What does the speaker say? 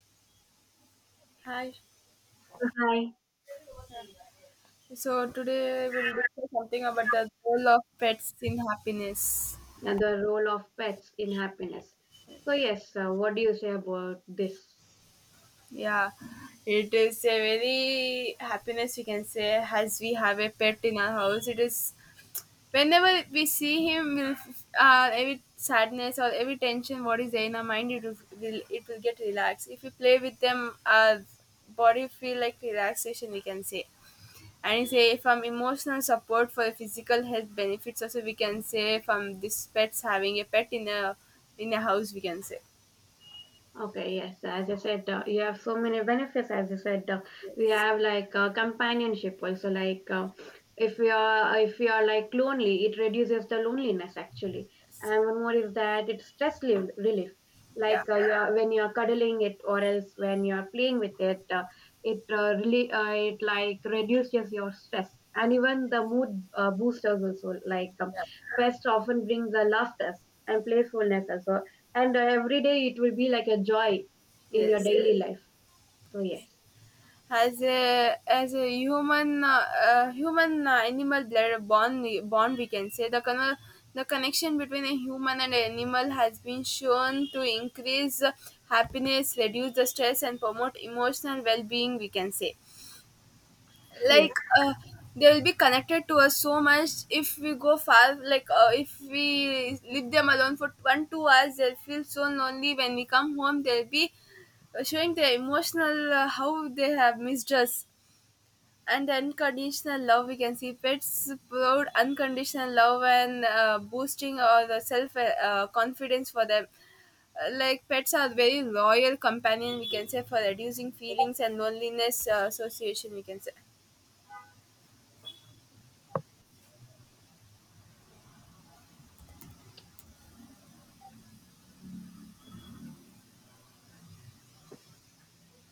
Hi. Hi, So today we'll discuss something about the role of pets in happiness. and the role of pets in happiness. So, yes, what do you say about this? Yeah, it is a very happiness we can say, as we have a pet in our house. It is whenever we see him, we'll, every sadness or every tension what is there in our mind, it will get relaxed. If we play with them, our body feel like relaxation, we can say, and say, from emotional support for physical health benefits also, we can say from this pets having a pet in a house, we can say. Okay, yes, as I said, you have so many benefits. As I said, we Yes. have like companionship also. Like if we are like lonely, it reduces the loneliness actually. Yes, And one more is that it's stress relief. Like yeah, you are, when you are cuddling it, or else when you are playing with it, it really it like reduces your stress. And even the mood boosters also. Like yeah, pets often brings the laughter and playfulness also and every day it will be like a joy in your yes. daily life, so yes, As a human, animal blood bond, we can say, the the connection between a human and animal has been shown to increase happiness, reduce the stress and promote emotional well-being, we can say. yes. Like they'll be connected to us so much. If we go far, like if we leave them alone for 1-2 hours, they'll feel so lonely. When we come home, they'll be showing their emotional, how they have missed us. And the unconditional love, we can see pets proud unconditional love, and boosting or the self confidence for them. Like pets are very loyal companion, we can say, for reducing feelings and loneliness, association, we can say.